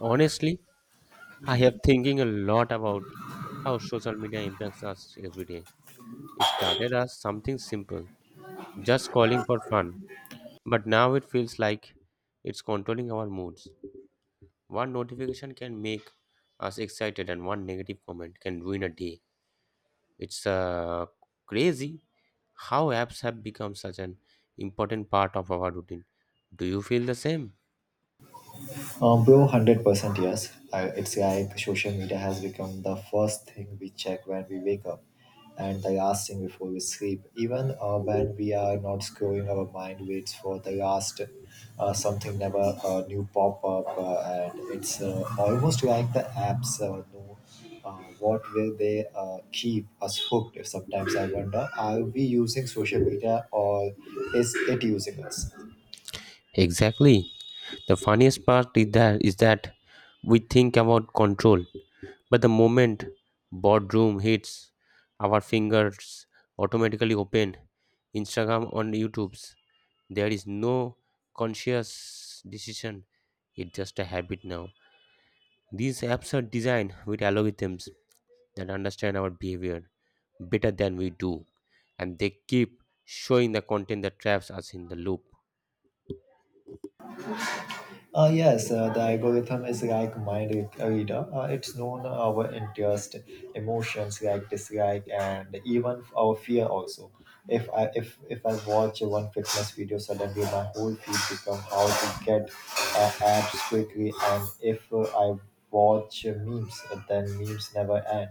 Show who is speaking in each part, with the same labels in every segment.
Speaker 1: Honestly, I have thinking a lot about how social media impacts us every day. It started as something simple, just calling for fun, but now it feels like it's controlling our moods. One notification can make us excited, and one negative comment can ruin a day. It's crazy how apps have become such an important part of our routine. Do you feel the same?
Speaker 2: Bro, 100% yes. It's like social media has become the first thing we check when we wake up and the last thing before we sleep. Even when we are not scrolling, our mind waits for the last something never new pop up, and it's almost like the apps know uh, what will they keep us hooked. Sometimes I wonder, are we using social media or is it using us?
Speaker 1: Exactly. The funniest part is that we think about control, but the moment boardroom hits, our fingers automatically open Instagram on YouTube's. There is no conscious decision. It's just a habit now. These apps are designed with algorithms that understand our behavior better than we do, and they keep showing the content that traps us in the loop.
Speaker 2: Yes, the algorithm is like mind reader. It's known our interest, emotions like dislike, and even our fear also. If I watch one fitness video, suddenly my whole feed become how to get abs quickly, and if I watch memes, then memes never end.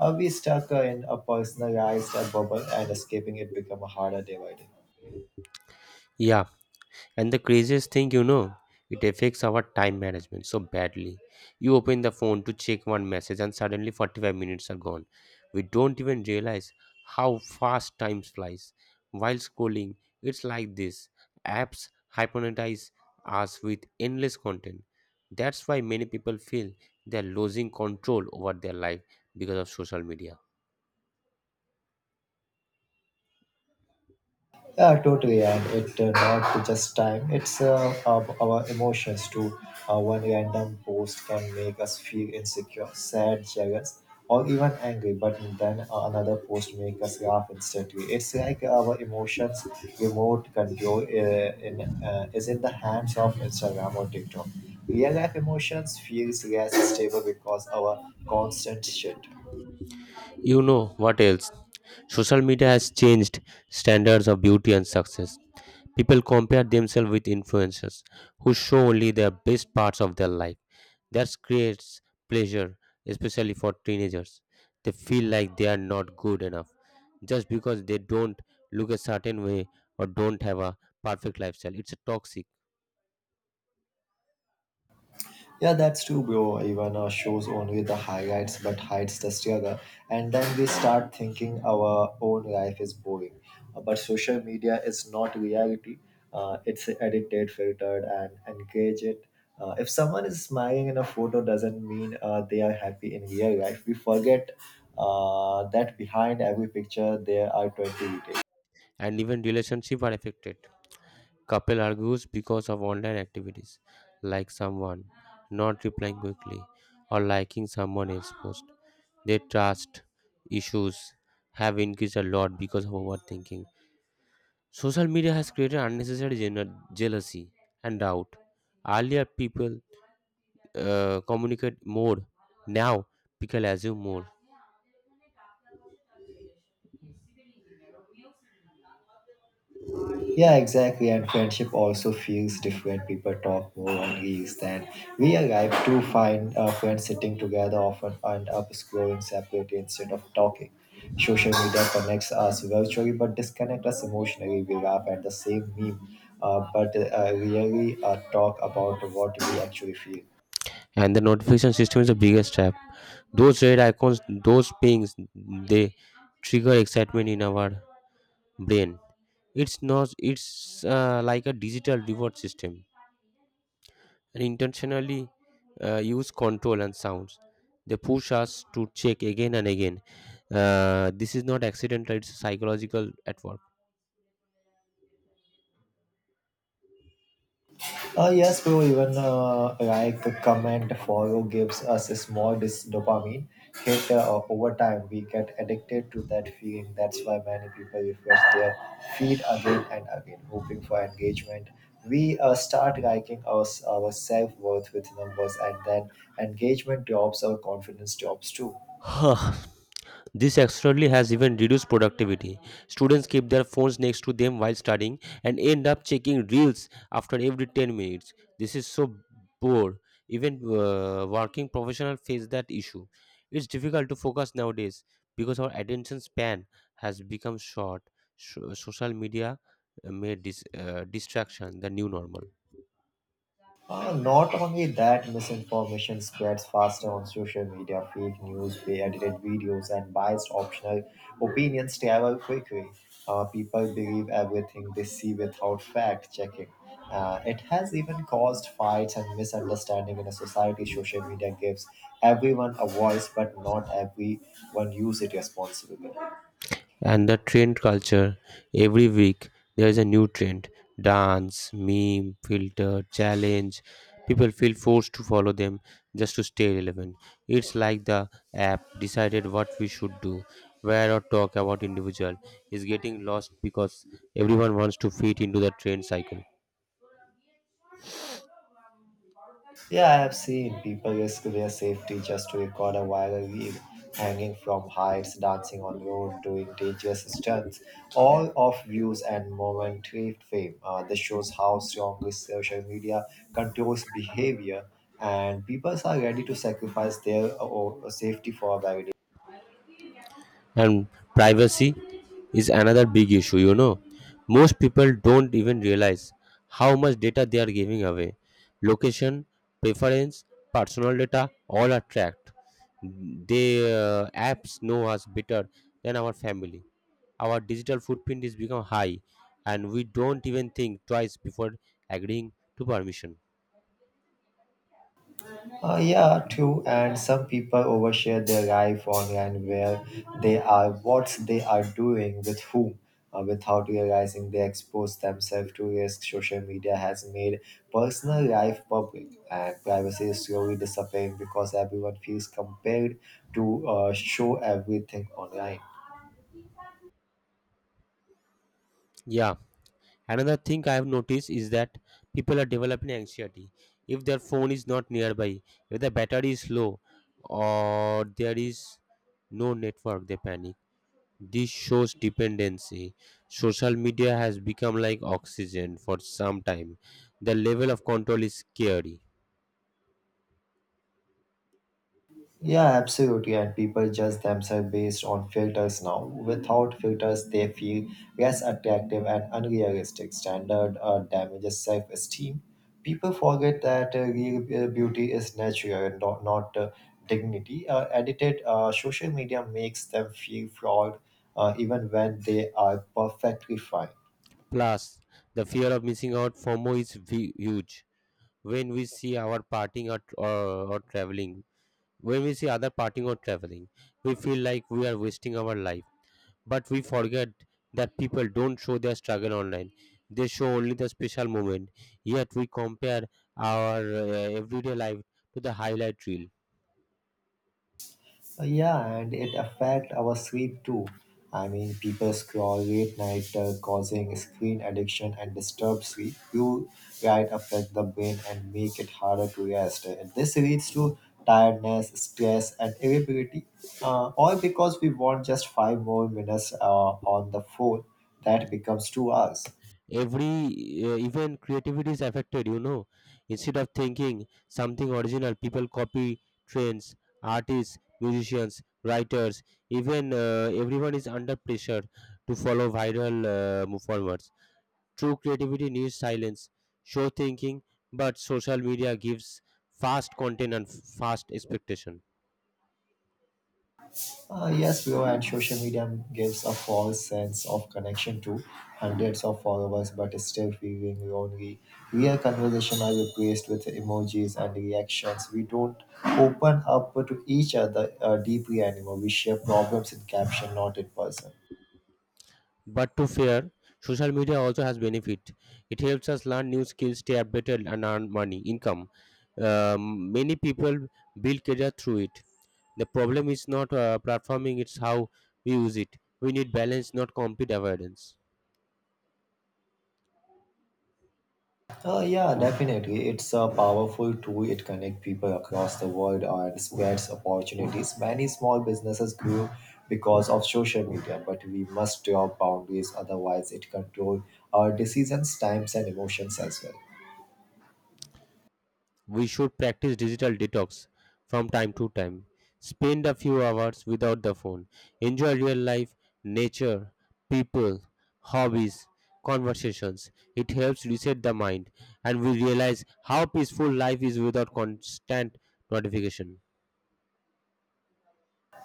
Speaker 2: Are we stuck in a personalized bubble, and escaping it become harder day by day.
Speaker 1: Yeah, and the craziest thing, you know, it affects our time management so badly. You open the phone to check one message, and suddenly 45 minutes are gone. We don't even realize how fast time flies. While scrolling, it's like this apps hypnotize us with endless content. That's why many people feel they're losing control over their life because of social media.
Speaker 2: Yeah, totally. And it not just time; it's our emotions too. One random post can make us feel insecure, sad, jealous, or even angry. But then another post make us laugh instantly. It's like our emotions' remote control in is in the hands of Instagram or TikTok. Real life emotions feels less stable because our constant shit.
Speaker 1: You know what else? Social media has changed standards of beauty and success. People compare themselves with influencers who show only the best parts of their life. That creates pleasure, especially for teenagers. They feel like they are not good enough just because they don't look a certain way or don't have a perfect lifestyle. It's a toxic,
Speaker 2: Yeah, that's true, bro. Even shows only the highlights but hides the struggle. And then we start thinking our own life is boring. But social media is not reality. It's edited, filtered, and engage it. If someone is smiling in a photo, doesn't mean they are happy in real life. We forget that behind every picture there are 20 details.
Speaker 1: and even relationships are affected. Couple argues because of online activities, like someone not replying quickly or liking someone else's post. Their trust issues have increased a lot because of overthinking. Social media has created unnecessary jealousy and doubt. Earlier, people communicate more. Now, people assume more.
Speaker 2: Yeah, exactly. And friendship also feels different. People talk more on reels than we arrive to find friends sitting together often end up scrolling separately instead of talking. Social media connects us virtually but disconnects us emotionally. We laugh at the same meme but really talk about what we actually feel.
Speaker 1: And the notification system is the biggest trap. Those red icons, those pings, they trigger excitement in our brain. It's not. It's like a digital reward system, and intentionally use control and sounds. They push us to check again and again. This is not accidental. It's psychological at work.
Speaker 2: Yes, bro, even like a comment follow gives us a small dopamine hit over time. We get addicted to that feeling. That's why many people refresh their feed again and again, hoping for engagement. We start liking our self worth with numbers, and then engagement drops, our confidence drops too.
Speaker 1: Huh. This externally has even reduced productivity. Students keep their phones next to them while studying and end up checking reels after every 10 minutes. This is so poor. Even working professionals face that issue. It's difficult to focus nowadays because our attention span has become short. Social media made this distraction the new normal.
Speaker 2: Not only that, misinformation spreads faster on social media. Fake news, edited videos, and biased optional opinions travel quickly. People believe everything they see without fact checking. It has even caused fights and misunderstanding in a society. Social media gives everyone a voice, but not everyone use it responsibly.
Speaker 1: And the trend culture, every week there is a new trend, dance, meme, filter, challenge. People feel forced to follow them just to stay relevant. It's like the app decided what we should do, wear, or talk about. Individual is getting lost because everyone wants to fit into the trend cycle.
Speaker 2: Yeah, I have seen people risk their safety just to record a viral reel, hanging from heights, dancing on road, doing dangerous stunts, all of views and momentary fame. This shows how strongly social media controls behavior, and people are ready to sacrifice their safety for a very
Speaker 1: And privacy is another big issue, you know. Most people don't even realize how much data they are giving away. Location, preference, personal data, all are tracked. The apps know us better than our family. Our digital footprint is become high, and we don't even think twice before agreeing to permission.
Speaker 2: Yeah, true. And some people overshare their life online where they are, what they are doing, with whom, without realizing they expose themselves to risk. Social media has made personal life public, and privacy is slowly disappearing because everyone feels compelled to show everything online.
Speaker 1: Yeah. Another thing I have noticed is that people are developing anxiety if their phone is not nearby, if the battery is low, or there is no network, they panic. This shows dependency. Social media has become like oxygen for some time. The level of control is scary.
Speaker 2: Yeah, absolutely. And people judge themselves based on filters now. Without filters, they feel less attractive and unrealistic. Standard damages self esteem. People forget that real beauty is natural and not dignity. Edited social media makes them feel flawed even when they are perfectly fine.
Speaker 1: Plus, the fear of missing out, FOMO, is huge. When we see our partying or traveling, When we see other partying or traveling, we feel like we are wasting our life. But we forget that people don't show their struggle online. They show only the special moment. Yet we compare our everyday life to the highlight reel.
Speaker 2: Yeah, and it affect our sleep too. I mean, people scroll late night, causing screen addiction and disturb sleep. You right affect the brain and make it harder to rest. And this leads to tiredness, stress, and irritability. All because we want just 5 more minutes on the phone. That becomes 2 hours.
Speaker 1: Every even creativity is affected, you know. Instead of thinking something original, people copy trends, artists, musicians, writers. Even everyone is under pressure to follow viral formats. True creativity needs silence, show thinking, but social media gives fast content and fast expectation.
Speaker 2: Yes, Bio and social media gives a false sense of connection to hundreds of followers, but still feeling lonely. Real conversation are replaced with emojis and reactions. We don't open up to each other deeply anymore. We share problems in caption, not in person.
Speaker 1: But to fair, social media also has benefit. It helps us learn new skills, stay updated, and earn money, income. Many people build career through it. The problem is not platforming; it's how we use it. We need balance, not complete avoidance.
Speaker 2: Yeah, definitely. It's a powerful tool. It connects people across the world and spreads opportunities. Many small businesses grew because of social media, but we must draw boundaries, otherwise, it controls our decisions, times, and emotions as well.
Speaker 1: We should practice digital detox from time to time. Spend a few hours without the phone. Enjoy real life, nature, people, hobbies, conversations. It helps reset the mind and we realize how peaceful life is without constant notification.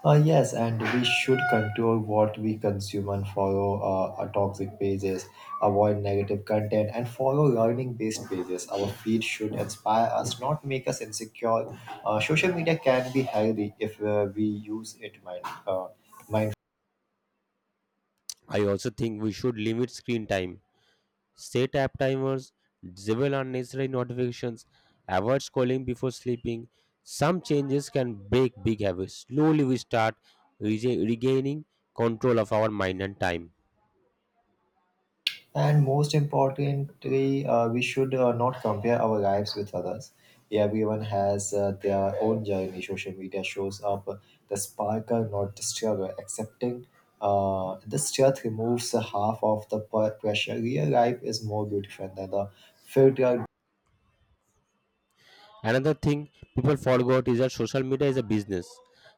Speaker 2: Yes, and we should control what we consume and follow our toxic pages, avoid negative content, and follow learning based pages. Our feed should inspire us, not make us insecure. Social media can be healthy if we use it mindfully.
Speaker 1: I also think we should limit screen time, set app timers, disable unnecessary notifications, avoid scrolling before sleeping. Some changes can break big habits. Slowly we start regaining control of our mind and time.
Speaker 2: And most importantly, we should not compare our lives with others. Everyone has their own journey. Social media shows up the sparkle, not the struggle. Accepting this truth removes half of the pressure. Real life is more beautiful than the filter
Speaker 1: Another thing people forgot is that social media is a business.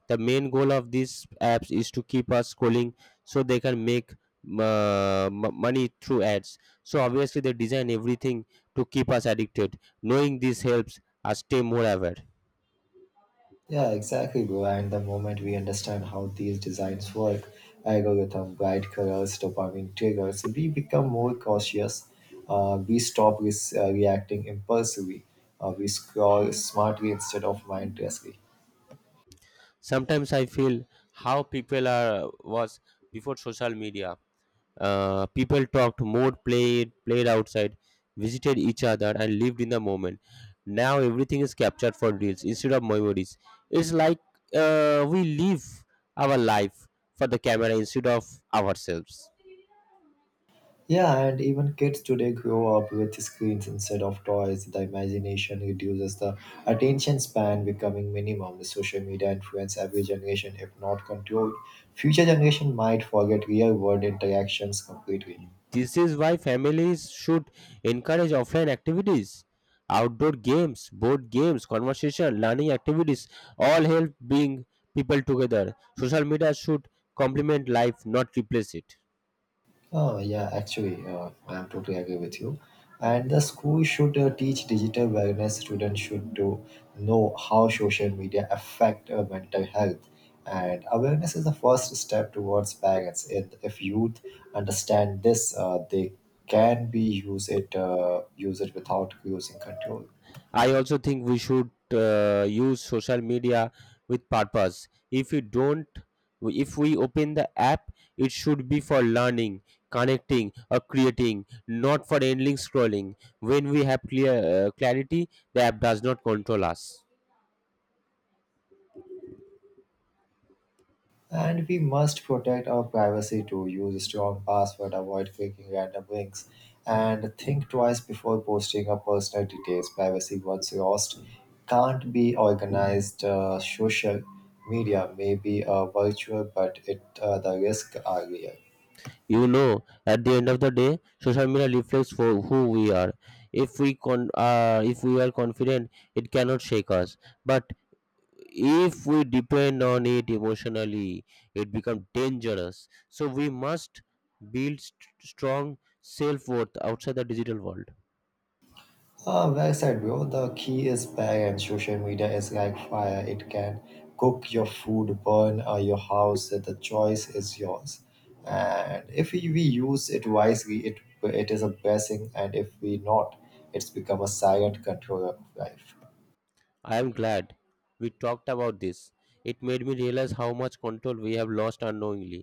Speaker 1: The main goal of these apps is to keep us scrolling so they can make money through ads. So obviously they design everything to keep us addicted. Knowing this helps us stay more aware.
Speaker 2: Yeah, exactly, bro. And the moment we understand how these designs work, algorithm, bright colors, dopamine triggers, we become more cautious. We stop reacting impulsively. We scroll smartly instead of mindlessly.
Speaker 1: Sometimes I feel how people are was before social media. People talked more, played outside, visited each other and lived in the moment. Now everything is captured for reels instead of memories. It's like we live our life for the camera instead of ourselves.
Speaker 2: Yeah, and even kids today grow up with screens instead of toys. The imagination reduces the attention span becoming minimum. The social media influence every generation if not controlled. Future generation might forget real world interactions completely.
Speaker 1: This is why families should encourage offline activities, outdoor games, board games, conversation, learning activities, all help bring people together. Social media should complement life, not replace it.
Speaker 2: Oh, yeah, actually, I'm totally agree with you. And the school should teach digital wellness. Students should to know how social media affect mental health. And awareness is the first step towards parents. If youth understand this, they can be use it without losing control.
Speaker 1: I also think we should use social media with purpose. If you don't, If we open the app, it should be for learning, connecting, or creating, not for endless scrolling. When we have clear clarity, the app does not control us.
Speaker 2: And we must protect our privacy too. Use strong password, avoid clicking random links, and think twice before posting our personal details. Privacy once lost can't be organized. Social media may be virtual, but it the risks are real.
Speaker 1: You know, at the end of the day, social media reflects for who we are. If we are confident, it cannot shake us. But if we depend on it emotionally, it becomes dangerous, so we must build strong self-worth outside the digital world.
Speaker 2: Ah, well said, bro. The key is bag, and social media is like fire. It can cook your food, burn your house. The choice is yours. And if we use it wisely, it is a blessing. And if we not, it's become a silent controller of life.
Speaker 1: I am glad we talked about this. It made me realize how much control we have lost unknowingly.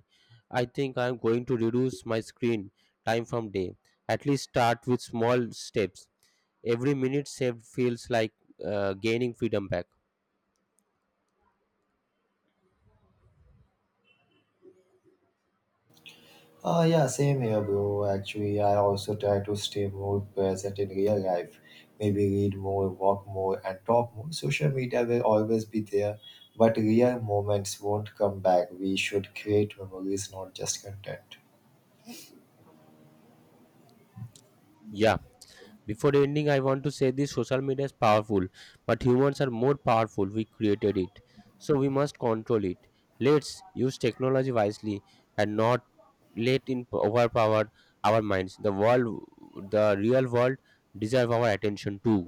Speaker 1: I think I am going to reduce my screen time from day, at least start with small steps. Every minute saved feels like gaining freedom back.
Speaker 2: Yeah, same here, bro. Actually, I also try to stay more present in real life. Maybe read more, walk more, and talk more. Social media will always be there, but real moments won't come back. We should create memories, not just content.
Speaker 1: Yeah. Before ending, I want to say this: social media is powerful, but humans are more powerful. We created it, so we must control it. Let's use technology wisely and not let it overpower our minds. The world, the real world, deserve our attention too.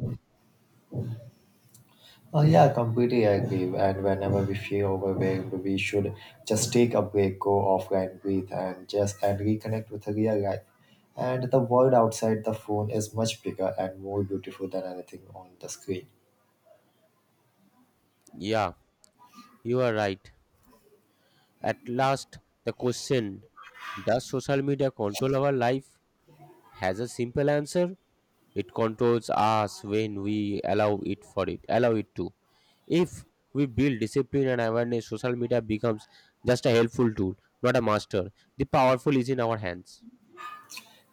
Speaker 2: Yeah, completely agree. And whenever we feel overwhelmed, we should just take a break, go offline, breathe, and just and reconnect with the real life. And the world outside the phone is much bigger and more beautiful than anything on the screen.
Speaker 1: Yeah, you are right. At last, the question: does social media control our life? Has a simple answer. It controls us when we allow allow it to. If we build discipline and awareness, social media becomes just a helpful tool, not a master. The powerful is in our hands.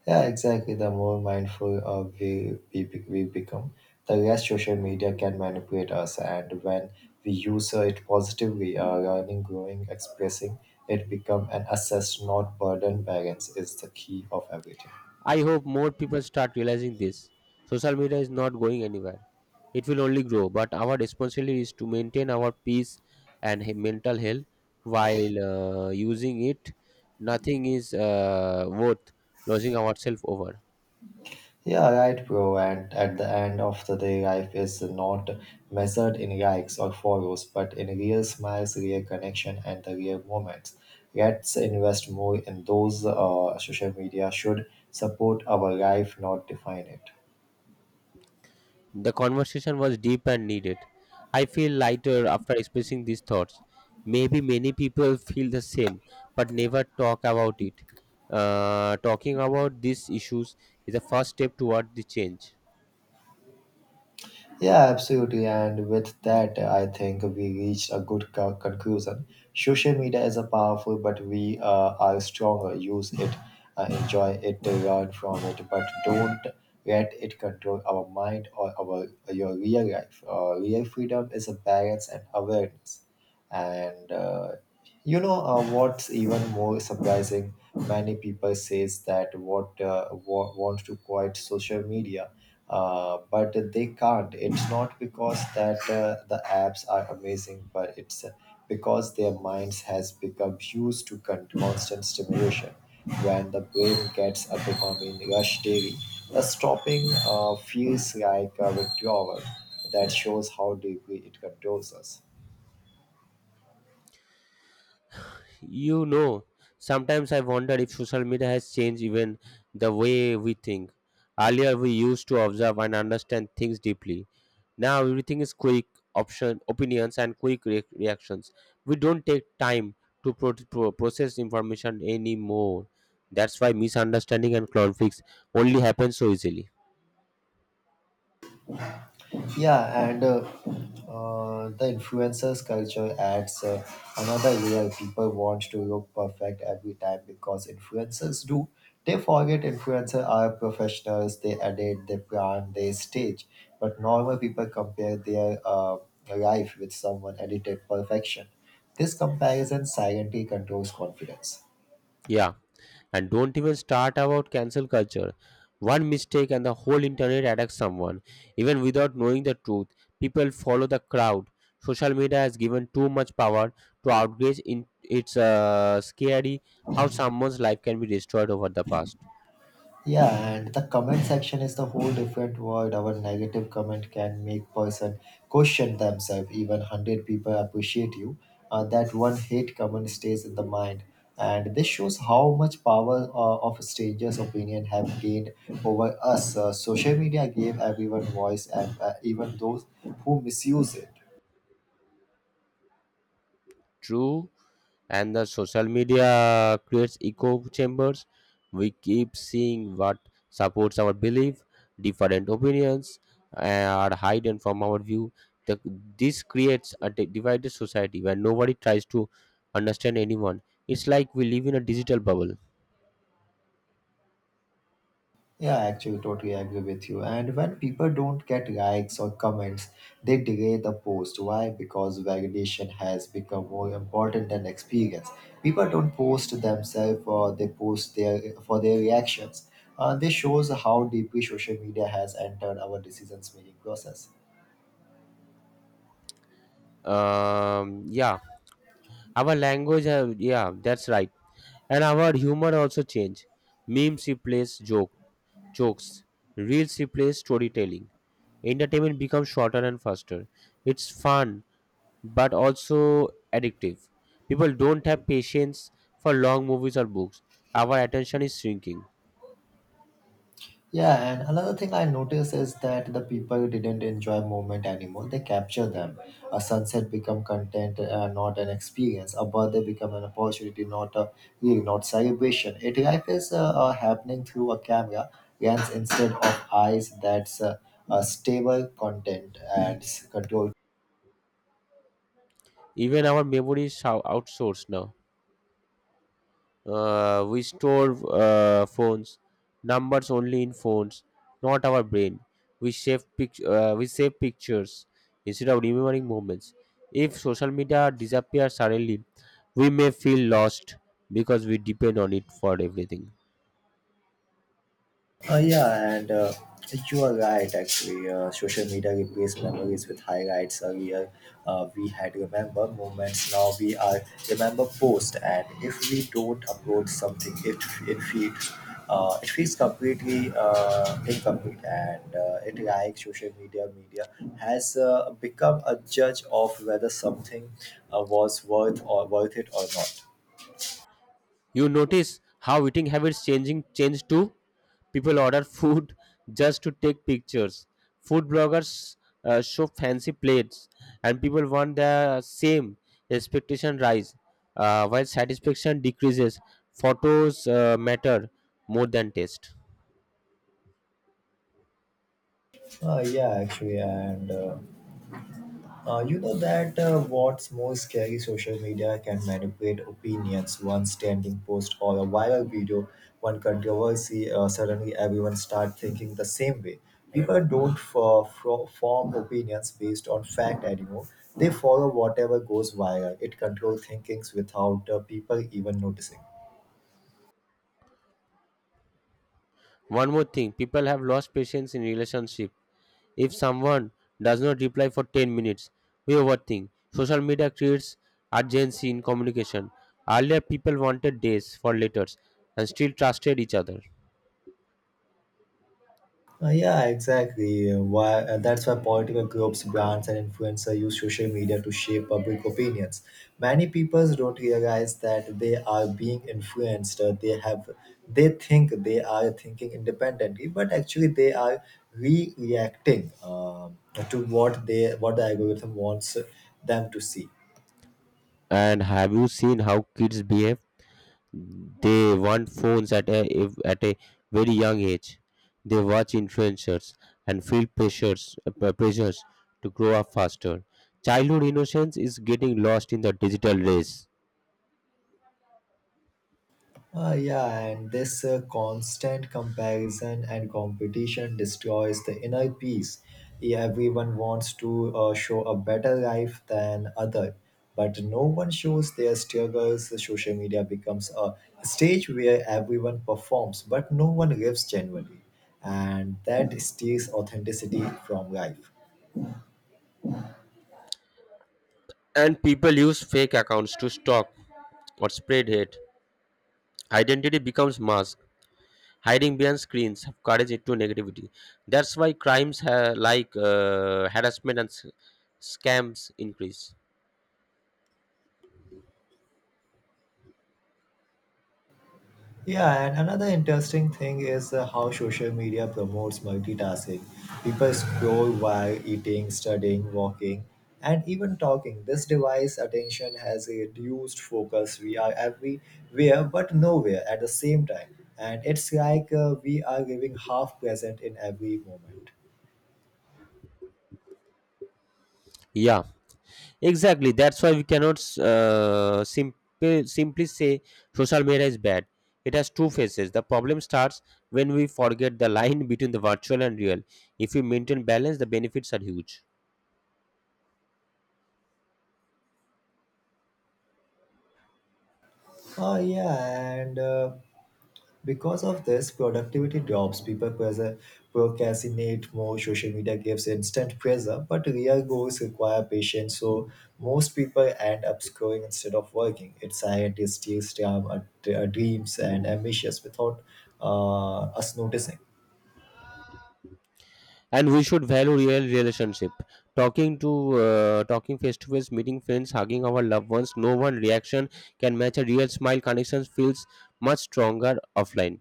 Speaker 2: Yeah, exactly. The more mindful we become, the less social media can manipulate us. And when we use it positively, learning, growing, expressing, it become an assess, not burden. Balance is the key of everything.
Speaker 1: I hope more people start realizing this. Social media is not going anywhere. It will only grow, but our responsibility is to maintain our peace and mental health while using it. Nothing is worth losing ourselves over.
Speaker 2: Yeah, right, bro. And at the end of the day, life is not measured in likes or follows, but in real smiles, real connection, and the real moments. Let's invest more in those. Social media should support our life, not define it.
Speaker 1: The conversation was deep and needed. I feel lighter after expressing these thoughts. Maybe many people feel the same but never talk about it. Talking about these issues is a first step toward the change.
Speaker 2: Yeah, absolutely. And with that, I think we reached a good conclusion. Social media is a powerful, but we are stronger. Use it, enjoy it, learn from it, but don't let it control our mind or our your real life. Real freedom is a balance and awareness. And you know what's even more surprising? Many people says that what want to quiet social media but they can't. It's not because that the apps are amazing, but it's because their minds has become used to constant stimulation. When the brain gets a dopamine rush daily, the stopping feels like a withdrawal. That shows how deeply it controls us.
Speaker 1: You know, sometimes I wonder if social media has changed even the way we think. Earlier, we used to observe and understand things deeply. Now, everything is quick option opinions and reactions. We don't take time to process information anymore. That's why misunderstanding and conflicts only happen so easily.
Speaker 2: Yeah, and the influencers culture adds another layer. People want to look perfect every time because influencers do. They forget influencers are professionals. They edit, they plan, they stage. But normal people compare their life with someone edited perfection. This comparison silently controls confidence.
Speaker 1: Yeah. And don't even start about cancel culture. One mistake and the whole internet attacks someone. Even without knowing the truth, people follow the crowd. Social media has given too much power to outrage. In It's scary how someone's life can be destroyed over the past.
Speaker 2: Yeah, and the comment section is the whole different world. Our negative comment can make person question themselves. Even 100 people appreciate you. That one hate comment stays in the mind, and this shows how much power of strangers' opinion have gained over us. Social media gave everyone voice, and even those who misuse it.
Speaker 1: True. And the social media creates echo chambers. We keep seeing what supports our belief. Different opinions are hidden from our view. the, this creates a divided society where nobody tries to understand anyone. It's like we live in a digital bubble.
Speaker 2: Yeah, I actually totally agree with you. And when people don't get likes or comments, they delay the post. Why? Because validation has become more important than experience. People don't post themselves or they post their for their reactions. This shows how deeply social media has entered our decisions making process.
Speaker 1: Yeah. Our language have, yeah, that's right. And our humor also change. Memes replace jokes. Reels replace storytelling. Entertainment becomes shorter and faster. It's fun but also addictive. People don't have patience for long movies or books. Our attention is shrinking.
Speaker 2: Yeah, and another thing I noticed is that the people didn't enjoy moment anymore. They capture them. A sunset become content, not an experience. A birthday become an opportunity, not a really not celebration. It life is happening through a camera lens instead of eyes. That's a stable content and control.
Speaker 1: Even our memory is outsourced now. We store phones numbers only in phones, not our brain. We save pictures instead of remembering moments. If social media disappears suddenly, we may feel lost because we depend on it for everything.
Speaker 2: Yeah, and you are right, actually. Social media replaced memories with highlights earlier. We had remember moments, now we are remember post. And if we don't upload something, it feels it feels completely incomplete, and it like social media has become a judge of whether something was worth it or not.
Speaker 1: You notice how eating habits changing change too. People order food just to take pictures. Food bloggers show fancy plates, and people want the same. Expectation rise, while satisfaction decreases. Photos matter more than taste.
Speaker 2: Yeah, actually. And you know that what's more scary: social media can manipulate opinions. One standing post or a viral video, one controversy, suddenly everyone start thinking the same way. People don't form opinions based on fact anymore. They follow whatever goes viral. It controls thinkings without people even noticing.
Speaker 1: One more thing, people have lost patience in relationship. If someone does not reply for 10 minutes, we overthink. Social media creates urgency in communication. Earlier, people wanted days for letters and still trusted each other.
Speaker 2: Yeah, exactly. That's why political groups, brands, and influencers use social media to shape public opinions. Many people don't realize that they are being influenced. They think they are thinking independently, but actually they are re-reacting to what the algorithm wants them to see.
Speaker 1: And have you seen how kids behave? They want phones at a if- at a very young age. They watch influencers and feel pressures to grow up faster. Childhood innocence is getting lost in the digital race.
Speaker 2: Yeah, and this constant comparison and competition destroys the inner peace. Yeah, everyone wants to show a better life than other, but no one shows their struggles. Social media becomes a stage where everyone performs, but no one lives genuinely, and that steals authenticity from life.
Speaker 1: And people use fake accounts to stalk or spread hate. Identity becomes mask. Hiding behind screens have courage into negativity. That's why crimes like harassment and scams increase.
Speaker 2: Yeah, and another interesting thing is how social media promotes multitasking. People scroll while eating, studying, walking, and even talking. This device attention has a reduced focus. We are everywhere but nowhere at the same time. And it's like we are living half present in every moment.
Speaker 1: Yeah, exactly. That's why we cannot simply say social media is bad. It has two faces. The problem starts when we forget the line between the virtual and real. If we maintain balance, the benefits are huge.
Speaker 2: Oh, yeah, and because of this, productivity drops. People procrastinate more. Social media gives instant pressure, but real goals require patience. So most people end up scrolling instead of working. It's scientists, steals time, dreams, and ambitions without us noticing.
Speaker 1: And we should value real relationship. Talking to Talking face to face, meeting friends, hugging our loved ones. No one reaction can match a real smile. Connections feels much stronger offline.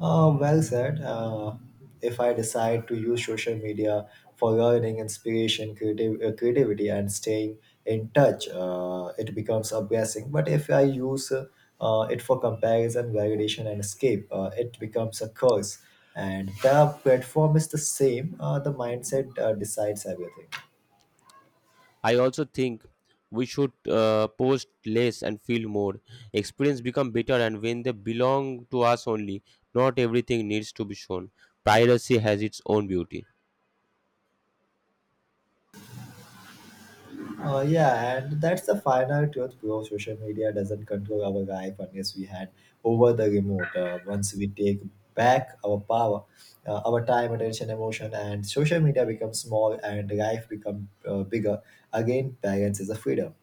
Speaker 2: Well said. If I decide to use social media for learning, inspiration, creativity, and staying in touch, it becomes a blessing. But if I use it for comparison, validation, and escape, it becomes a curse. And the platform is the same, the mindset decides everything.
Speaker 1: I also think we should post less and feel more. Experience become better and when they belong to us only. Not everything needs to be shown. Piracy has its own beauty.
Speaker 2: Yeah, and that's the final truth, bro. Social media doesn't control our life unless we hand over the remote. Once we take back our power, our time, attention, emotion, and social media becomes small and life becomes bigger. Again, balance is a freedom.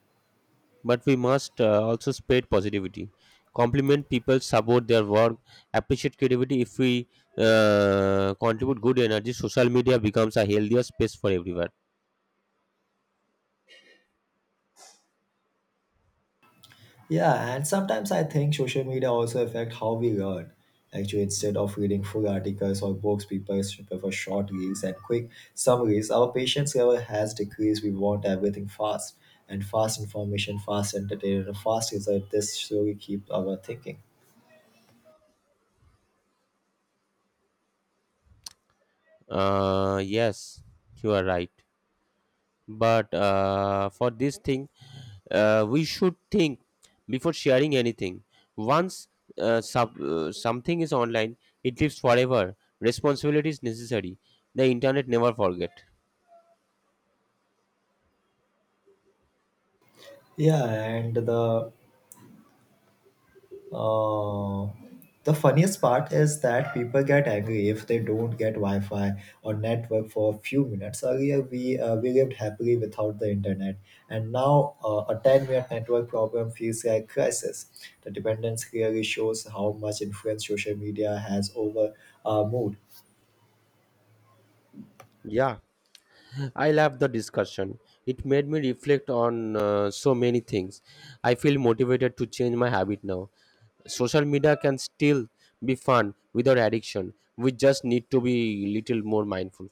Speaker 1: But we must also spread positivity, compliment people, support their work, appreciate creativity. If we contribute good energy, social media becomes a healthier space for everyone.
Speaker 2: Yeah, and sometimes I think social media also affect how we learn. Actually, instead of reading full articles or books, people prefer short reads and quick summaries. Our patience level has decreased. We want everything fast and fast information, fast entertainment, and fast result. This slowly keep our thinking.
Speaker 1: Yes, you are right. But for this thing, we should think before sharing anything. Once Something is online, it lives forever. Responsibility is necessary. The internet never forget.
Speaker 2: Yeah, and Uh, the funniest part is that people get angry if they don't get Wi-Fi or network for a few minutes. Earlier, we lived happily without the internet, and now a 10-minute network problem feels like crisis. The dependence clearly shows how much influence social media has over our mood.
Speaker 1: Yeah, I love the discussion. It made me reflect on so many things. I feel motivated to change my habit now. Social media can still be fun without addiction. We just need to be little more mindful.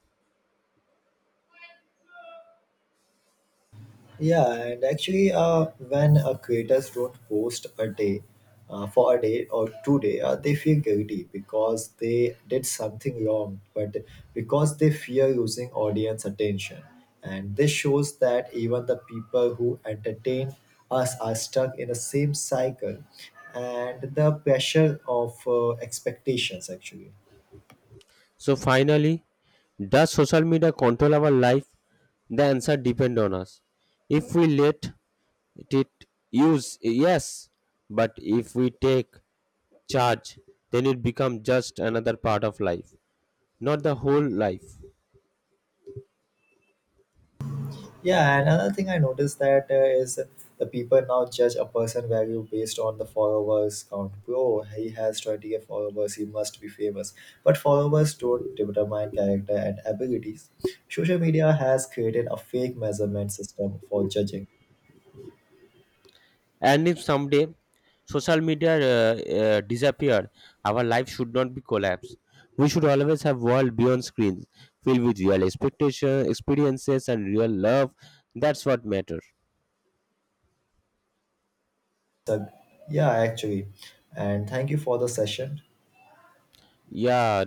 Speaker 2: Yeah, and actually, when creators don't post a day for a day or 2 day, they feel guilty because they did something wrong, but because they fear losing audience attention, and this shows that even the people who entertain us are stuck in the same cycle, and the pressure of expectations actually.
Speaker 1: So finally, does social media control our life? The answer depends on us. If we let it use, yes, but if we take charge, then it becomes just another part of life, not the whole life.
Speaker 2: Yeah, another thing I noticed that is the people now judge a person value based on the followers count. Oh, he has 20K followers, he must be famous. But followers don't determine character and abilities. Social media has created a fake measurement system for judging.
Speaker 1: And if someday social media disappear, our life should not be collapse. We should always have world beyond screens, filled with real expectation, experiences, and real love. That's what matters.
Speaker 2: So, yeah, actually. And thank you for the session.
Speaker 1: Yeah,